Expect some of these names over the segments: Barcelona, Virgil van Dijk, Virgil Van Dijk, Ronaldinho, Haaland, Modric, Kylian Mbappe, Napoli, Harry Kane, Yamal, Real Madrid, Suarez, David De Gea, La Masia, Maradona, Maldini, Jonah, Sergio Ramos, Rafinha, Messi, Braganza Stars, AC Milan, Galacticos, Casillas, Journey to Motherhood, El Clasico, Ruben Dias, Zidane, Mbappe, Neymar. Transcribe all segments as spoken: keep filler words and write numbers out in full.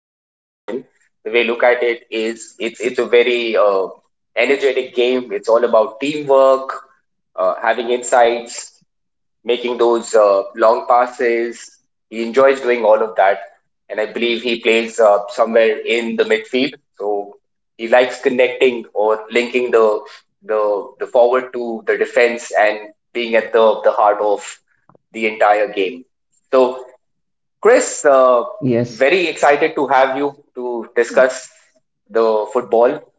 being his passion. The way I look at it is it's, it's a very uh, energetic game. It's all about teamwork, uh, having insights making those uh, long passes. He enjoys doing all of that. And I believe he plays uh, somewhere in the midfield. So he likes connecting or linking the, the, the forward to the defense and being at the, the heart of the entire game. So, Chris, uh, Yes. very excited to have you to discuss the football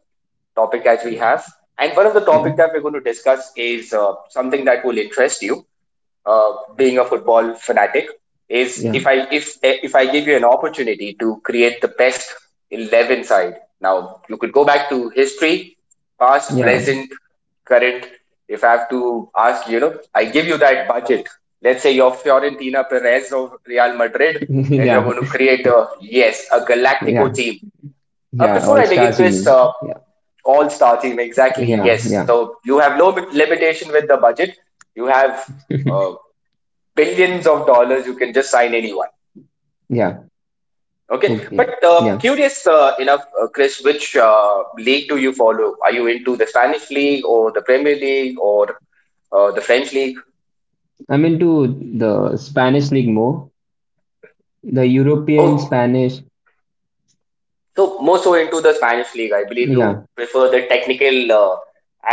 topic as we Yeah. have. And one of the Yeah. topics that we're going to discuss is uh, something that will interest you, uh, being a football fanatic, is Yeah. if I if if I give you an opportunity to create the best eleven side. Now you could go back to history, past, Yeah. present, current. If I have to ask, you know, I give you that budget. Let's say you're Fiorentina Perez of Real Madrid, and you're Yeah. going to create a, yes, a Galactico Yeah. team. Uh, Yeah. before All I begin, stars, you Chris, uh, mean? Yeah. all star team, exactly, Yeah. yes. Yeah. So you have no limitation with the budget. You have uh, billions of dollars. You can just sign anyone. Yeah. Okay, Okay. but uh, Yeah. curious uh, enough, uh, Chris, which uh, league do you follow? Are you into the Spanish league or the Premier League or uh, the French league? I'm into the Spanish league more. The European Oh, Spanish. so more so into the Spanish league. I believe you Yeah. prefer the technical uh,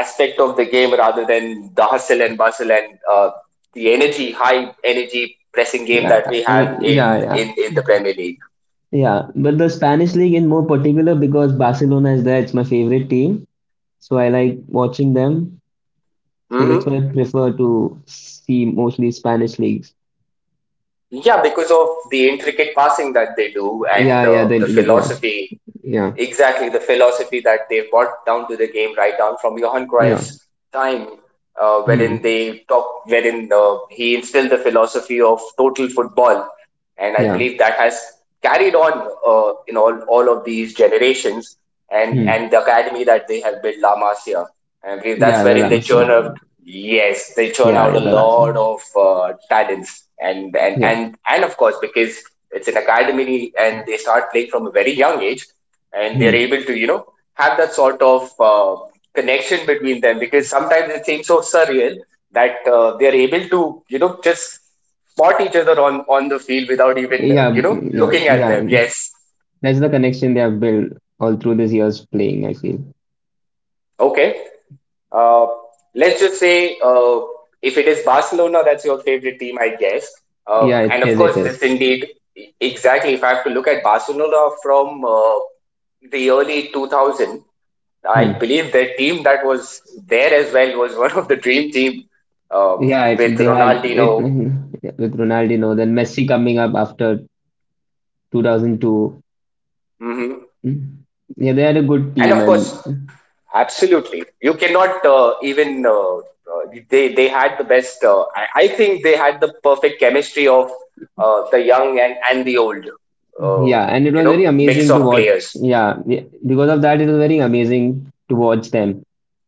aspect of the game rather than the hustle and bustle and uh, the energy, high energy pressing game Yeah. that we have Yeah. in Yeah. in in the premier League. Yeah, but the Spanish league in more particular because Barcelona is there. It's my favorite team, so I like watching them. So that's Mm-hmm. why I prefer to see mostly Spanish leagues. Yeah, because of the intricate passing that they do and Yeah, yeah, uh, the the internet. Yeah, philosophy, yeah, exactly the philosophy that they've brought down to the game, right down from Johan yeah. Cruyff's time, uh, wherein Hmm. they talk, wherein uh, he instilled the philosophy of total football, and I Yeah. believe that has carried on uh, in all all of these generations, and Hmm. and the academy that they have built, La Masia. I believe that's Yeah, the wherein they llamas. Yeah. churn out. Yes, they churn out Yeah, a the llamas. lot of uh, talents, and and Yeah. and and of course because it's an academy, and they start playing from a very young age and they're Hmm. able to, you know have that sort of uh, connection between them, because sometimes it seems so surreal that uh, they're able to you know just spot each other on on the field without even Yeah. you know mm, Yeah. looking at Yeah. them, mm. yes. That's the connection they have built all through these years playing, I feel. Okay, uh, let's just say, uh, if it is Barcelona that's your favorite team, I guess, uh, Yeah, it and of is. course, It is. this indeed, e-, exactly. If I have to look at Barcelona from uh, the early two thousand, I Hmm. believe their team that was there as well was one of the dream team, uh, Yeah, it, with they had it Ronaldinho. with Ronaldinho, then Messi coming up after twenty oh two. Hmm. Mm. Yeah, they had a good And team of course, and absolutely, you cannot, uh, even, uh, uh, they they had the best. Uh, I, I think they had the perfect chemistry of uh, the young and and the old. Uh, yeah, and it you was very know, mix amazing to of watch. players. Yeah, yeah, because of that, it was very amazing to watch them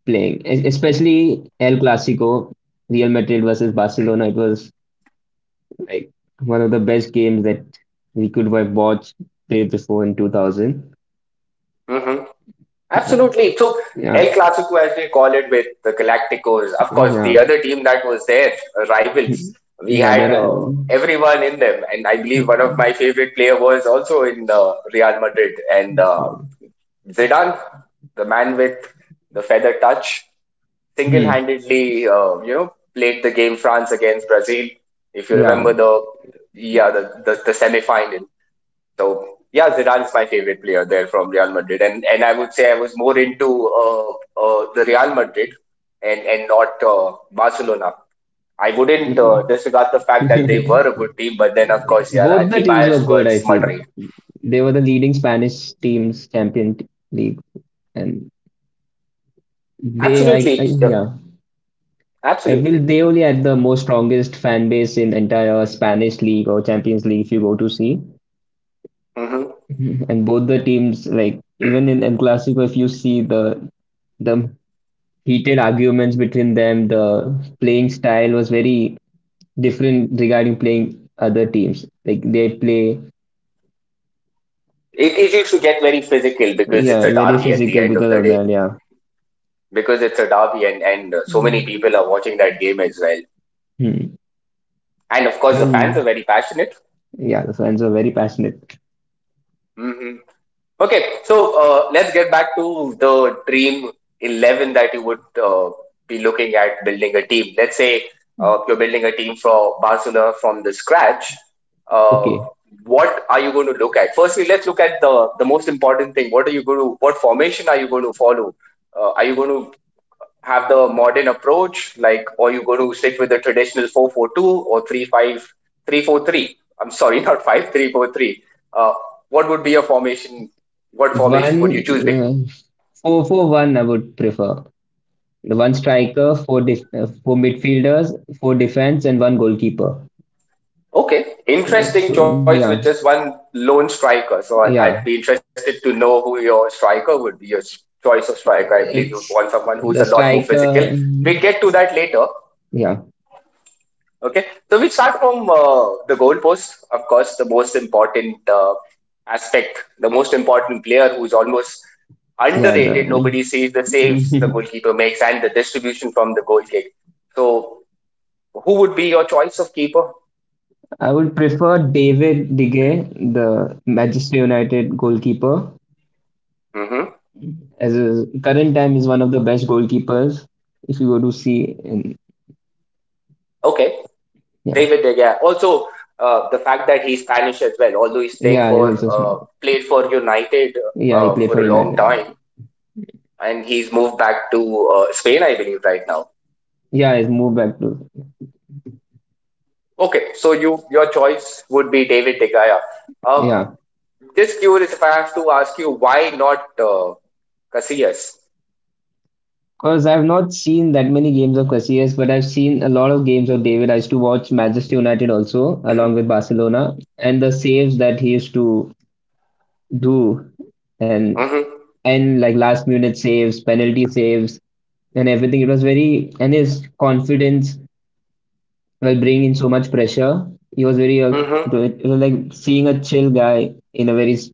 playing. Es- especially El Clasico, Real Madrid versus Barcelona. It was like one of the best games that we could have watched played before in two thousand. Mm-hmm. Yeah, Absolutely. So El yeah, Clasico, as we call it, with the Galacticos, of course, the yeah. other team that was there, uh, Hmm. rivals. We Yeah. There had are, uh, everyone in them, and I believe one of my favorite player was also in uh, Real Madrid, and uh, Zidane, the man with the feather touch, hmm, single-handedly, uh, you know, played the game France against Brazil. If you yeah. remember the, yeah, the the, the semi-final. So yeah, Zidane's my favorite player there from Real Madrid, and and I would say I was more into, uh, uh, the Real Madrid and and not uh, Barcelona. I wouldn't uh, disregard the fact that they were a good team, but then of course, yeah, Both I'd the be teams were biased good, I towards feel. Madrid. They were the leading Spanish teams, Champion League, and they, I, I Absolutely, uh, Yeah. I absolutely. will they only had the most strongest fan base in entire Spanish league or Champions League if you go to see. Hmm. Mhm. And both the teams, like even in El Clasico, if you see the the heated arguments between them, the playing style was very different regarding playing other teams. Like they play, It it used to get very physical because yeah, it's a very derby at the physical end of because the of day. that. Yeah. Because it's a derby, and and uh, so many Mm. people are watching that game as well. Hmm. And of course, the fans are Even- very passionate. yeah, the fans are very passionate. Hmm. Okay, so uh, let's get back to the dream eleven that you would uh, be looking at building a team. Let's say Mm. uh, you're building a team for Barcelona from the scratch. Uh, Okay, what are you going to look at? Firstly, let's look at the, the most important thing. What are you going to, what formation are you going to follow? Uh, are you going to have the modern approach? Like, or you going to stick with the traditional four four two or three five three four three. I'm sorry, not five three four three. Uh, what would be your formation? What formation one would you choose? Bec- uh, four four one, I would prefer. The one striker, four def uh, four midfielders, four defense, and one goalkeeper. Okay, Uh, interesting So choice with just yeah, one lone striker. So I- I'd be yeah, interested to know who your striker would be, your s- choice of striker. I believe you'd want it's someone who's a the lot more physical. striker. We'll get to that later. Yeah, Okay, so we start from uh, the goalpost. Of course, the most important uh, aspect, the most important player, who is almost yeah. underrated. The Nobody sees the saves the goalkeeper makes and the distribution from the goal kick. So, who would be your choice of keeper? I would prefer David De Gea, the Manchester United goalkeeper, Hmm. as a current time is one of the best goalkeepers. If you go to see, in, Okay, yeah, David De Gea. Also, uh, the fact that he's Spanish as well, although he's playing yeah, for he's uh, also played for United yeah he uh, played for for a long United. time, and he's moved back to uh, Spain, I believe, right now. Yeah, he's moved back to Okay, so you your choice would be David De Gea. Uh, yeah. just curious, if I have to ask you, why not uh, Casillas? Because I've not seen that many games of Casillas, but I've seen a lot of games of David. I used to watch Manchester United also, along with Barcelona, and the saves that he used to do, and Mm-hmm. and like last minute saves, penalty saves, and everything. It was very, and his confidence while bringing in so much pressure. He was very, uh, it was Mm-hmm. it was like seeing a chill guy in a very s-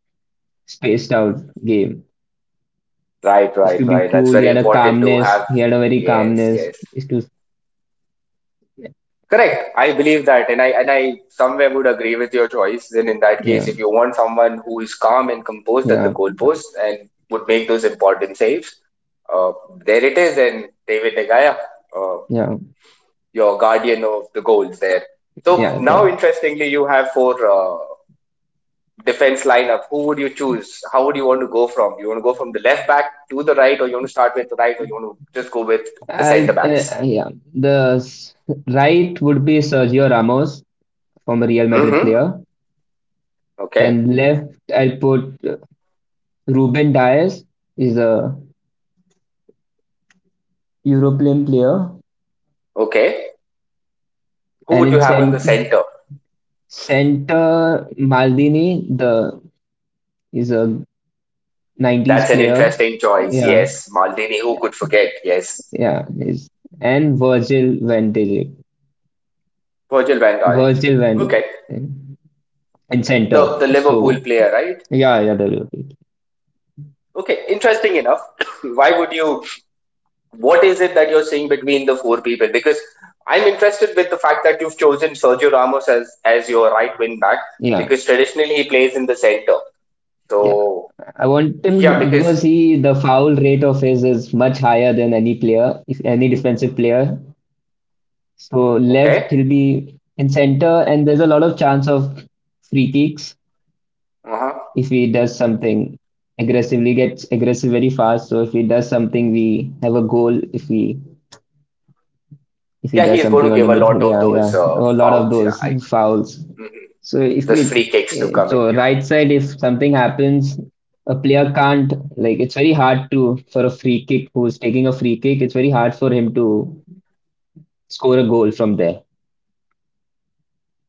spaced out game. Right, Used right, to be right. That's cool. very He had a important to have. calmness. He had a very Yes, yes. calmness. Used to, Correct. I believe that, and I and I somewhere would agree with your choice. Then in that case, yeah. if you want someone who is calm and composed at the Yeah, uh, goalpost and would make those important saves, uh, there it is. And David De Gea. Uh, yeah, your guardian of the goals there. So yeah. now, The interestingly, you have four uh, defense lineup. Who would you choose? How would you want to go from? You want to go from the left back to the right, or you want to start with the right, or you want to just go with the I'll, centre backs? uh, yeah, the s- right would be Sergio Ramos, former Real Madrid Mm-hmm. player. Okay. Then left, I'll put uh, Ruben Dias, is a European player, Okay. Who and would you in have in the cent centre? center Maldini, the is a nineties That's an player. interesting choice. Yeah, Yes, Maldini. Who could forget? Yes, yeah, is and Virgil van Dijk, Virgil Van Dijk. Virgil van Okay, in the center. the Liverpool So player, right? yeah, yeah, there will be. Okay, interesting enough. Why would you what is it that you're seeing between the four people? Because I'm interested with the fact that you've chosen Sergio Ramos as as your right wing back, Yeah, because traditionally he plays in the center. yeah. So I want yeah, him because, because he the foul rate of his is much higher than any player, if any defensive player. So okay, left he'll be in center, and there's a lot of chance of free kicks uh-huh. if he does something aggressively, gets aggressive very fast. So if he does something, we have a goal if we if he Yeah, he does is going something to on give the a lot midfield. of Yeah, those uh, yeah, a lot of fouls. those Yeah, I, fouls. hmm So if those we, free kicks to eh, come in. so Yeah, right side, if something happens, a player can't like it's very hard to for a free kick who's taking a free kick. It's very hard for him to score a goal from there.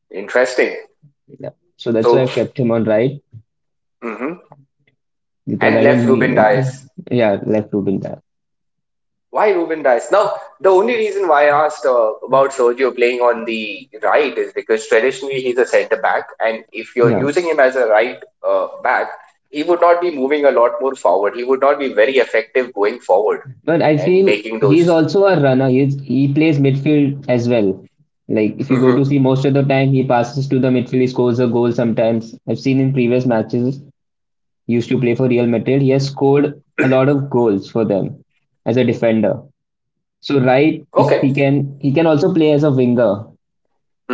interesting. Yeah. So that's why So, I've kept him on right hmm because and I left don't need Ruben Dias. yeah left root in that. Why Ruben Dias? Now, the only reason why I asked uh, about Sergio playing on the right is because traditionally he's a centre back, and if you're Yeah. using him as a right uh, back, he would not be moving a lot more forward. He would not be very effective going forward But I and feel making those. he's also a runner. He's, he plays midfield as well. Like if you go to Hmm. see most of the time he passes to the midfield, he scores a goal sometimes. I've seen in previous matches he used to play for Real Madrid. He has scored a lot of goals for them as a defender. So right, if Okay. he can he can also play as a winger.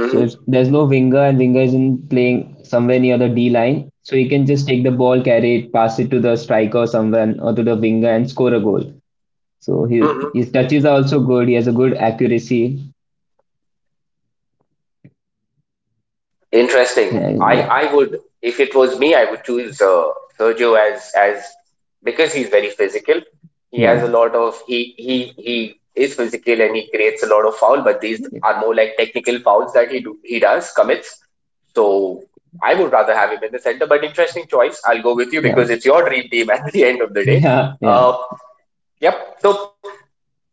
So if there's no winger and winger isn't playing somewhere near the D line, so he can just take the ball, carry it, pass it to the striker or someone or to the winger and score a goal. So he, Hmm. his touches are also good. He has a good accuracy. Interesting. Uh, I yeah, I would if it was me, I would choose uh, Sergio as as because he's very physical. He has yeah, a lot of he he he is physical and he creates a lot of foul, but these are more like technical fouls that he do he does commits. So I would rather have him in the center. But interesting choice. I'll go with you, yeah, because it's your dream team at the end of the day. yeah, yeah. Uh, yep. So,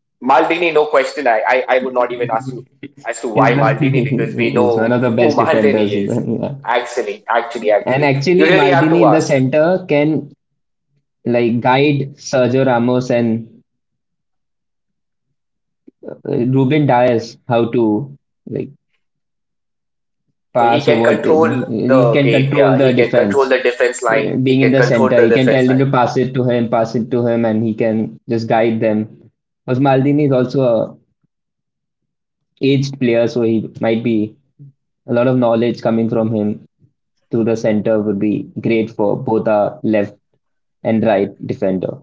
Maldini, no question. I, I, I would not even ask you as to why He's the, Maldini, because we he's one know of the who best Maldini defenders. In is. the, yeah. Actually, actually, And actually, you actually, really have Maldini to in the ask. center can like guide Sergio Ramos and uh, Ruben Dias how to like So he pass or can what. control He the can game control here. the He can control defense. the defense line. Uh, He Being in can the control center, the he can tell defense him line. to pass it to him, pass it to him, and he can just guide them. Because Maldini is also a aged player, so he might be a lot of knowledge coming from him through the center would be great for both our left and right defender.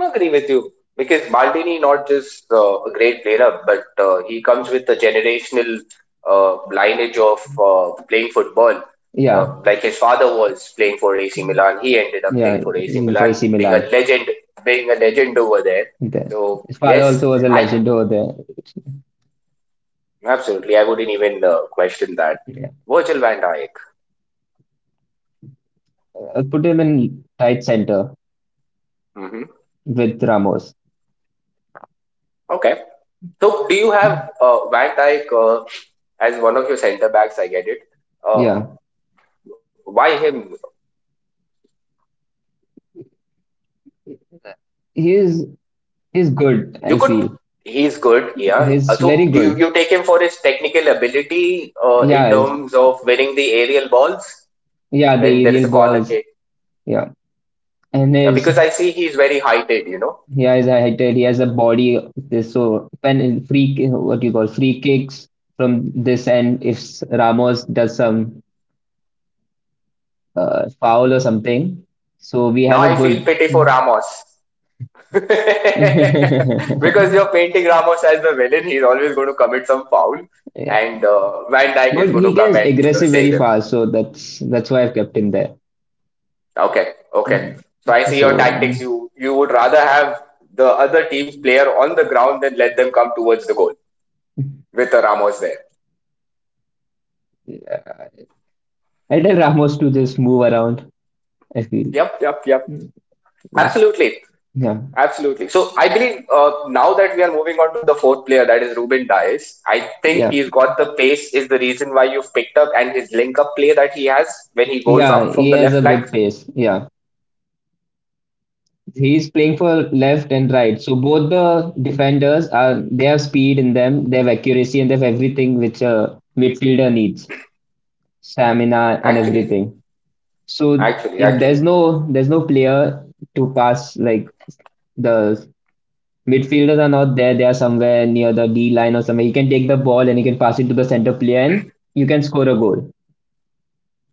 I agree with you, because Maldini not just uh, a great player, but uh, he comes with a generational uh, lineage of uh, playing football. Uh, Yeah, like his father was playing for A C Milan, he ended up yeah. playing for A C If I see Milan, being a Milan, legend, being a legend over there. The- So his father yes, also was a I, legend over there. absolutely, I wouldn't even uh, question that. Yeah. Virgil van Dijk. I'll put him in right center Hmm. with Ramos. Okay. So do you have uh, Van Dijk uh, as one of your centre backs? I get it. Uh, Yeah, why him? he is is good. You I could. feel He's good. Yeah. Uh, he's So very do you, good. you take him for his technical ability uh, in Yeah, his- terms of winning the aerial balls yeah. when The there is a aerial corner balls. kick? Yeah, and Yeah, his because I see he's very heighted. You know. He has a height, he has a body. Of This so when free ki- what you call free kicks from this end. If s- Ramos does some uh, foul or something, so we Now have a I feel good. pity for Ramos. Because you're painting Ramos as the villain, he's always going to commit some foul, Yeah, and uh, Van Dijk is but going to he come gets and you know, aggressive save very him. fast, so that's that's why I've kept him there. Okay, okay. Mm. So I see your So tactics. mm, You you would rather have the other team's player on the ground than let them come towards the goal, with Ramos there. yeah. I tell Ramos to just move around. I feel Yep, yep, yep. Mm. Yes. Absolutely. yeah, Absolutely. So I believe uh, now that we are moving on to the fourth player, that is Ruben Dias, I think yeah, he's got the pace is the reason why you've picked up, and his link up play that he has when he goes yeah. up from He the has left a flank. good pace. Yeah. He's playing for left and right. So both the defenders are they have speed in them, they have accuracy, and they have everything which a midfielder needs, stamina and Actually, everything. So actually, if actually. there's no there's no player to pass, like the midfielders are not there, they are somewhere near the D line or somewhere. He can take the ball and he can pass it to the center player, and you can score a goal.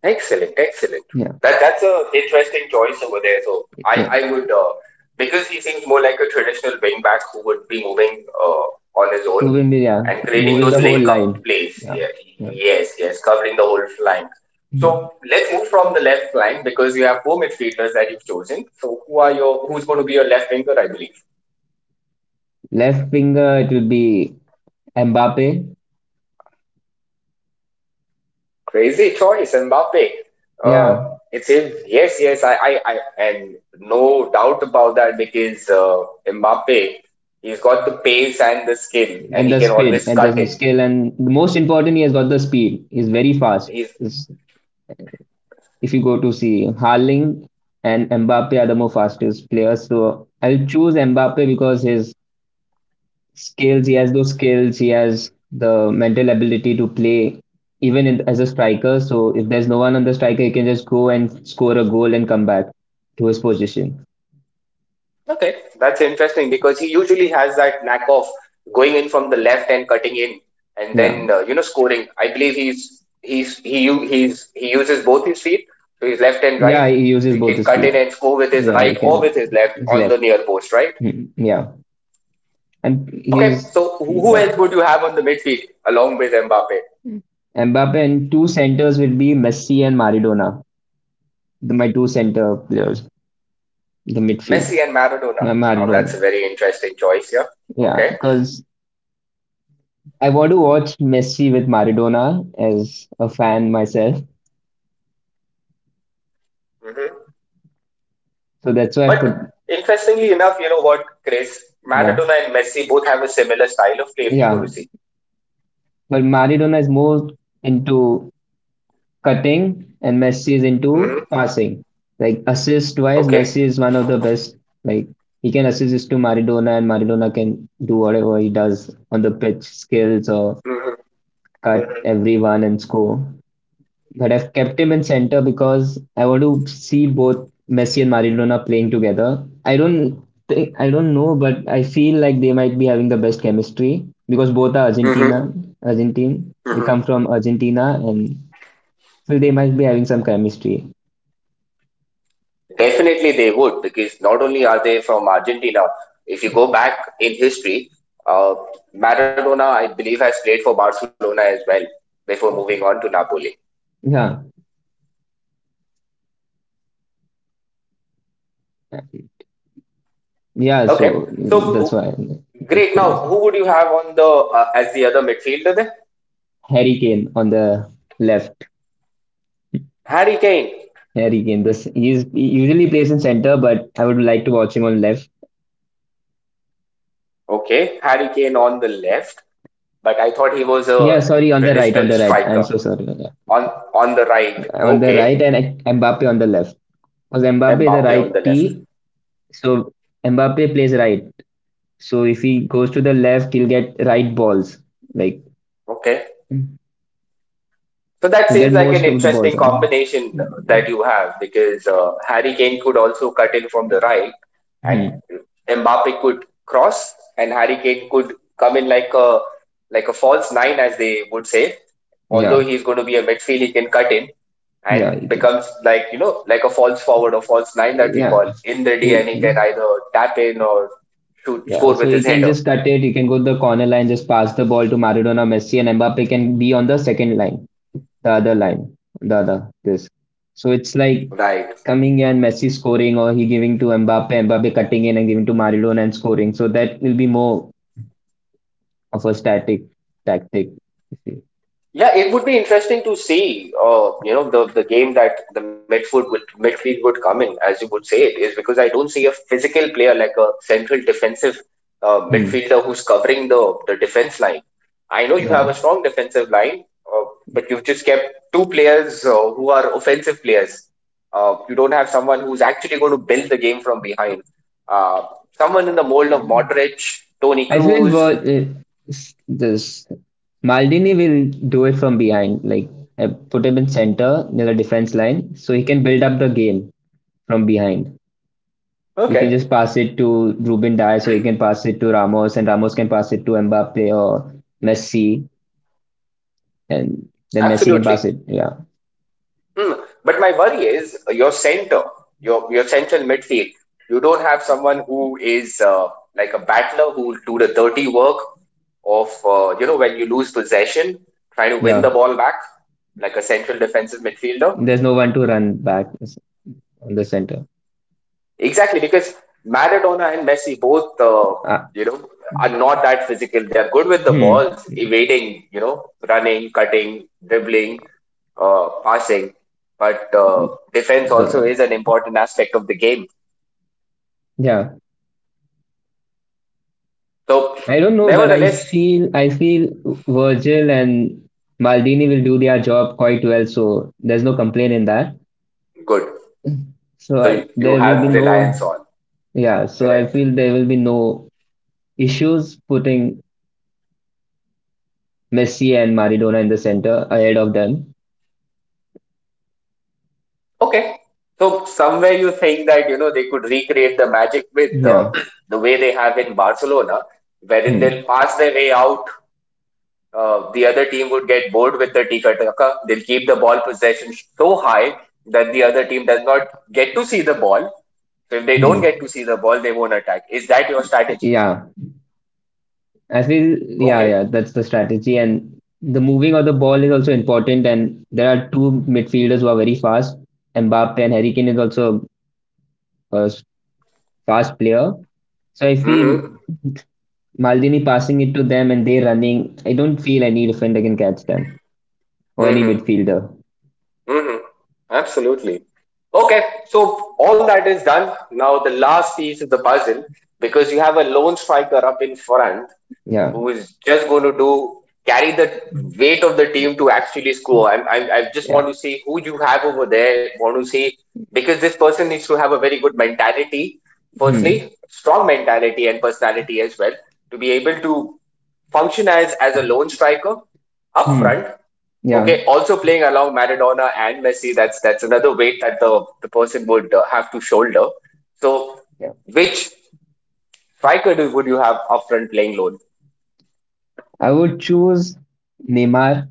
Excellent, excellent. That that's a interesting choice over there. So I I would uh, because he seems more like a traditional wing back who would be moving uh, on his own Moving the yeah, and creating moving those the whole link up line. plays. Yeah, yes, yes, covering the whole flank. So let's move from the left flank because you have four midfielders that you've chosen. So who are your who's going to be your left winger? I believe. Left winger it will be Mbappe. Crazy choice, Mbappe. Uh, Yeah, it seems yes, yes. I, I, I, and no doubt about that because uh, Mbappe, he's got the pace and the skill, and and he the can speed always and cut the in. skill and the most important he has got the speed. He's very fast. He's Is if you go to see Haaland and Mbappe are the more fastest players. So I'll choose Mbappe because his skills, he has those skills, he has the mental ability to play even in, as a striker. So if there's no one on the striker, he can just go and score a goal and come back to his position. okay. That's interesting because he usually has that knack of going in from the left and cutting in, and Yeah, then uh, you know scoring. I believe he's he's he u- he's he uses both his feet, so his left and right. yeah, he So uses he both can his cut feet. in and score with his Yeah, right you or can. with his left His on the left. near post, right? Hmm. Yeah, and Okay, he's so who yeah. else would you have on the midfield along with Mbappe? Mbappe and two centers will be Messi and Maradona. The, my two center players, the midfield, Messi and Maradona. Ma- Now that's a Maradona. very interesting choice here. Yeah, Okay. because I want to watch Messi with Maradona as a fan myself. Hmm. But So that's why I put, interestingly enough, you know what, Chris? Maradona and yeah, Messi both have a similar style of play if you go to see. yeah. But Maradona is more into cutting and Messi is Hmm. into passing. Like assist wise, Okay. Messi is one of the best. Like he can assist this to Maradona and Maradona can do whatever he does on the pitch, skills or Hmm. Hmm. cut everyone and score. But I've kept him in center because I want to see both Messi and Maradona playing together. I don't think I don't know, but I feel like they might be having the best chemistry because both are Hmm. Argentina, Argentine. They Hmm. come from Argentina, and so they might be having some chemistry. Definitely they would because not only are they from Argentina, if you go back in history, uh, Maradona, I believe, has played for Barcelona as well before moving on to Napoli. Yeah, yeah. Okay. So uh, that's So why that's great. the Now, reason. who would you have on the uh, as the other midfielder then? Harry Kane on the left. Harry Kane. Harry Kane. This he's he usually plays in center, but I would like to watch him on left. Okay, Harry Kane on the left, but I thought he was a Yeah, sorry, on the right, on traditional the right. I'm striker so sorry. On the on on the right. on the Okay, right and Mbappe on the left. Because Mbappe is a Mbappe on right the left. T, so Mbappe plays right. So if he goes to the left, he'll get right balls. Like Okay, he'll so that seems get like an most of the balls interesting on. combination Yeah. that you have because uh, Harry Kane could also cut in from the right, and Hmm. Mbappe could cross and Harry Kane could come in like a like a false nine as they would say. Although Yeah. he's going to be a midfield, he can cut in Yeah, and you can. becomes like you know like a false forward or false nine that we Yeah. call in the So D, he- and he can either tap in or shoot yeah, score so with he his can header. just cut it. He can go to the corner line, just pass the ball to Maradona, Messi, and Mbappe can be on the second line. The other line, the other this. So it's like Right. coming and Messi scoring, or he giving to Mbappe, Mbappe cutting in and giving to Maradona and scoring. So that will be more of a static tactic. Yeah, it would be interesting to see, uh, you know, the, the game that the midfield would midfield would come in, as you would say it, is because I don't see a physical player like a central defensive uh, Hmm. midfielder who's covering the, the defense line. I know you Yeah, have a strong defensive line, uh, but you've just kept two players uh, who are offensive players. Uh, you don't have someone who's actually going to build the game from behind. Uh, Someone in the mold of Modric, Tony I feel Cruz. what uh, s- this Maldini will do it from behind. Like I put him in center near the defense line, so he can build up the game from behind. You can Okay, just pass it to Ruben Dias, or you can pass it to Ramos, and Ramos can pass it to Mbappe or Messi, and then Messi can absolutely. pass it. Yeah, Hmm. But my worry is uh, your center, your your central midfield. You don't have someone who is uh, like a battler who will do the dirty work of uh, you know when you lose possession, trying to win the yeah. ball back like a central defensive midfielder. There's no one to run back on the center. Exactly because Maradona and Messi both uh, Uh, you know are not that physical. They are good with the hmm. balls, evading, you know, running, cutting, dribbling, uh, passing. But uh, defense also The, is an important aspect of the game. yeah, So, I don't know, but I nevertheless, feel I feel Virgil and Maldini will do their job quite well, so there's no complaint in that. good. So So, I, you you there will be have reliance no, on, Yeah, so I correct? feel there will be no issues putting Messi and Maradona in the center ahead of them. Okay. So, somewhere you think that, you know, they could recreate the magic with uh, Yeah. the way they have in Barcelona, wherein Hmm. they'll pass their way out. Uh, the other team would get bored with the tiki taka. They'll keep the ball possession so high that the other team does not get to see the ball. So, if they don't get Hmm. to see the ball, they won't attack. Is that your strategy? Yeah. I feel, yeah, Okay. yeah, that's the strategy. And the moving of the ball is also important. And there are two midfielders who are very fast. Mbappe and Harry Kane is also a s- fast player. So I feel Mm-hmm. Maldini passing it to them and they running. I don't feel any defender can catch them or any midfielder. Hmm. Absolutely. Okay, so all that is done. Now the last piece of the puzzle, because you have a lone striker up in front Yeah. who is just going to do carry the weight of the team to actually score. I'm, I'm, I just want Yeah. to see who you have over there. Want to see because this person needs to have a very good mentality. Hmm. Firstly, strong mentality and personality as well to be able to function as as a lone striker up front. Hmm. Okay, Yeah. also playing along Maradona and Messi, that's that's another weight that the, the person would uh, have to shoulder. So, Yeah. which striker do, would you have up front playing lone? I would choose Neymar.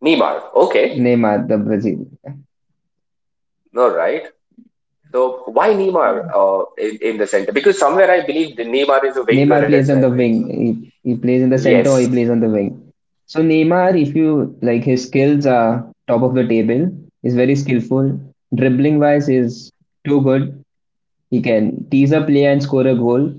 Neymar. Okay, Neymar, the Brazil. all right. So, why Neymar uh, in, in the center? Because somewhere I believe the Neymar is a winger Neymar as plays well, on the right? So, wing. He, he plays in the center or yes. he plays on the wing. So Neymar, if you like, his skills are top of the table. He's very skillful. Dribbling wise is too good. He can tease a play and score a goal.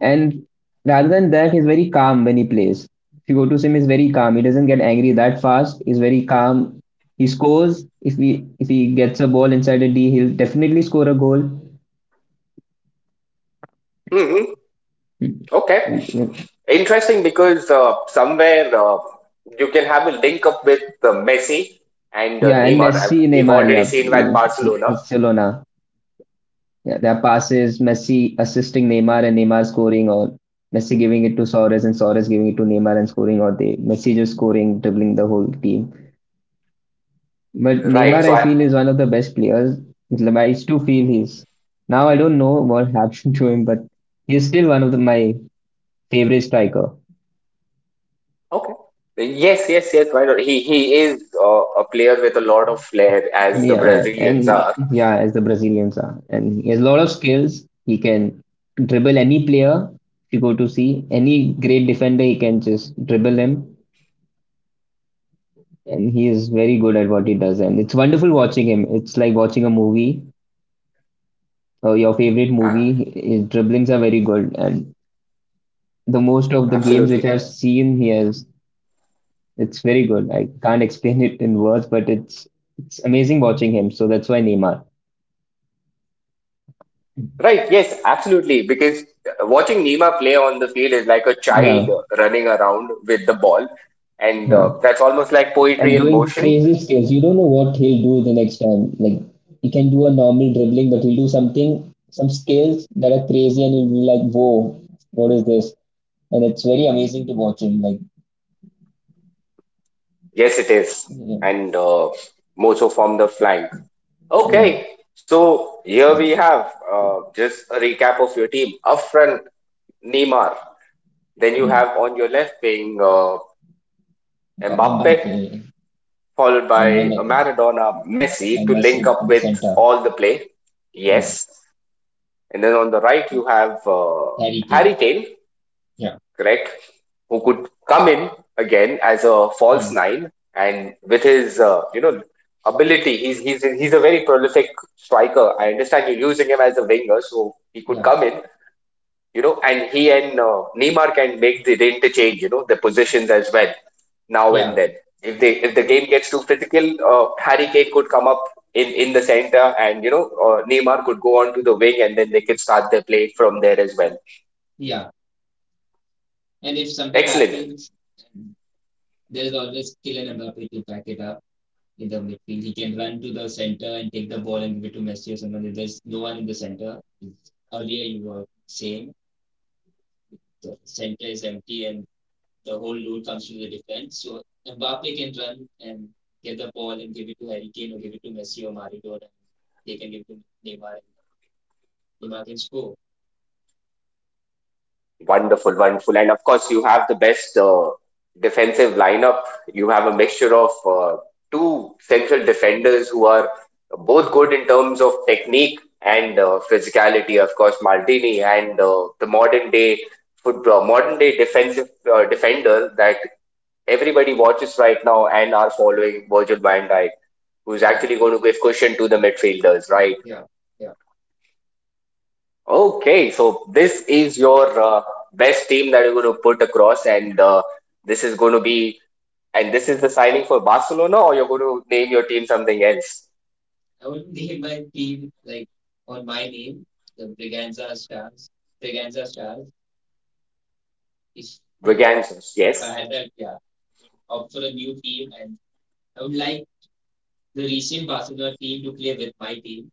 And rather than that, he's very calm when he plays. If you go to him, he's very calm. He doesn't get angry that fast. He's very calm. He scores. If he if he gets a ball inside a D, he'll definitely score a goal. Hmm. Okay, interesting because uh, somewhere uh, you can have a link up with uh, Messi and uh, Yeah, and Neymar. I've, Messi, we've Neymar, already yeah, seen that in- in- in Barcelona. Barcelona. Yeah, their passes, Messi assisting Neymar and Neymar scoring, or Messi giving it to Suarez and Suarez giving it to Neymar and scoring, or they Messi just scoring, dribbling the whole team. But Right. Neymar, So I I, feel, is one of the best players. Like, I used to feel he's now I don't know what happened to him, but he's still one of the, my favorite striker. Okay. Yes, yes, yes. Why not? He he is uh, a player with a lot of flair, as the Yeah, Brazilians and are. yeah, as the Brazilians are, and he has a lot of skills. He can dribble any player. If you go to see any great defender, he can just dribble him, and he is very good at what he does. And it's wonderful watching him. It's like watching a movie or your favorite movie. A- His dribblings are very good, and the most of the games which Absolutely I've seen, he has. It's very good. I can't explain it in words, but it's it's amazing watching him. So that's why Neymar. right. Yes, absolutely. Because uh, watching Nima play on the field is like a child Yeah, running around with the ball, and uh, yeah, that's almost like and poetry in doing motion. crazy skills. You don't know what he'll do the next time. Like he can do a normal dribbling, but he'll do something, some skills that are crazy, and you'll be like, "Whoa, what is this?" And it's very amazing to watch him. Like, Yes, it is. yeah, And uh, more so from the flank. yeah. Okay, so here we have uh, just a recap of your team. Up front, Neymar. Then you Hmm. have on your left wing. Mbappe, followed by a Maradona, Messi to link up with all the play. Yes. And then on the right, you have uh, Harry Kane, correct, who could come in again as a false nine. And with his, uh, you know, ability, he's, he's, he's a very prolific striker. I understand you're using him as a winger, so he could come in, you know, and he and uh, Neymar can make the, the interchange, you know, the positions as well now and Yeah, then. If they if the game gets too critical, uh, Harry Kane could come up in in the center, and you know, uh, Neymar could go on to the wing, and then they could start their play from there as well. yeah. And if something Excellent. happens, there's always Kylian Mbappe to pack it up in the midfield. He can run to the center and take the ball and give it to Messi or someone. If there's no one in the center, earlier you were saying the center is empty and the whole load comes to the defense. So Mbappe can run and get the ball and give it to Harry Kane or give it to Messi or Maradona. They can give it to Neymar and Neymar can score. Wonderful, wonderful. And of course, you have the best uh, defensive lineup. You have a mixture of uh, two central defenders who are both good in terms of technique and uh, physicality. Of course, Maldini and uh, the modern day football, modern day defensive uh, defender that everybody watches right now and are following Virgil van Dijk, who's actually going to give cushion to the midfielders, right? Okay, so this is your uh, best team that you're going to put across, and uh, this is going to be, and this is the signing for Barcelona, or you're going to name your team something else? I would name my team like on my name, the Braganza Stars. Braganza Stars. If Brigands, if I yes. had that, yeah, I would opt for a new team and I would like the recent Barcelona team to play with my team.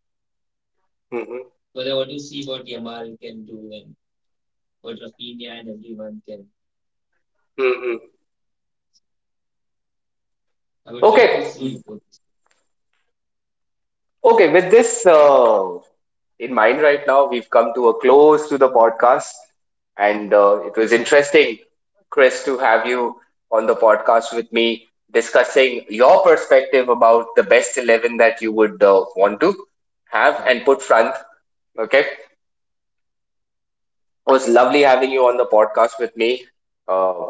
Hmm. But I want to see what Yamal can do and what Rafinha and everyone can. Hmm. I would love Okay, to see both. okay. With this uh, in mind right now. We've come to a close to the podcast, and uh, it was interesting, Chris, to have you on the Yeah, podcast with me discussing your perspective about the best eleven that you would uh, want to have yeah. and put front. Okay. It was lovely having you on the podcast with me. Uh,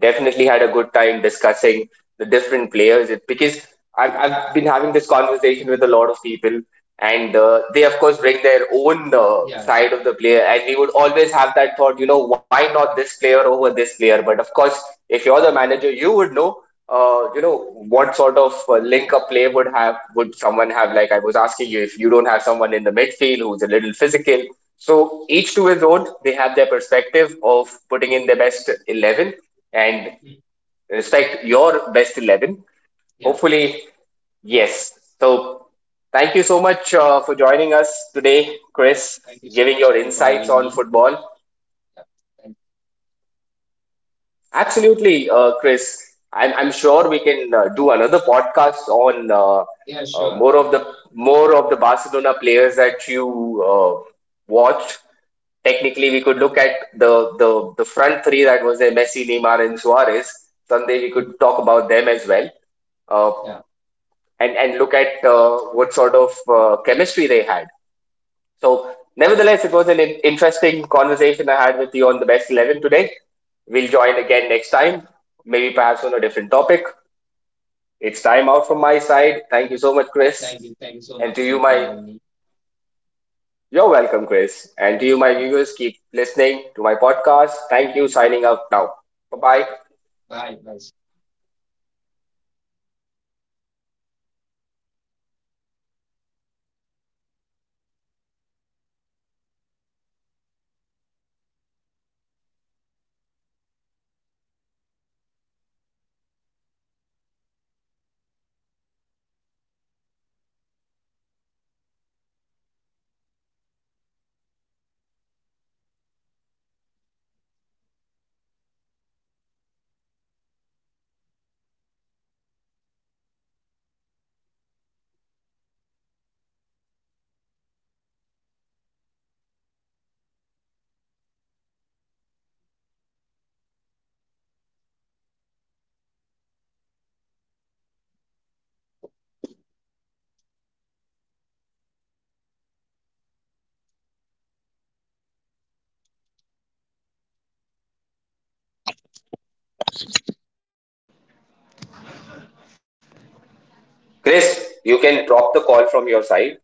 Definitely had a good time discussing the different players It- because I've, I've been having this conversation with a lot of people, and uh, they, of course, bring their own uh, side of the player. And we would always have that thought, you know, why not this player over this player? But of course, if you're the manager, you would know. Uh, you know what sort of uh, link a player would have would someone have like I was asking you if you don't have someone in the midfield who's a little physical, so each to his own, they have their perspective of putting in their best eleven and respect your best eleven. Yeah, Hopefully, yes. So, thank you so much uh, for joining us today, Chris, thank you so giving much, your Pin, for insights having on me. football. Yeah, thank, Absolutely, uh, Chris. I'm, I'm sure we can uh, do another podcast on uh, yeah, uh, sure. more of the more of the Barcelona players that you uh, watched. Technically, we could look at the, the the front three that was there: Messi, Neymar, and Suarez. Someday we Hmm. could talk about them as well, uh, Yeah, and and look at uh, what sort of uh, chemistry they had. So, nevertheless, it was an interesting conversation I had with you on the best eleven today. We'll join again next time, maybe perhaps on a different topic. It's time out from my side. Thank you so much, Chris. thank you, thank you so And much, to you, Pin, for my having me. you're welcome, Chris. And to you, my viewers, keep listening to my podcast. Thank you. Signing out now. Bye bye. Bye, bye. Chris, you can drop the call from your side.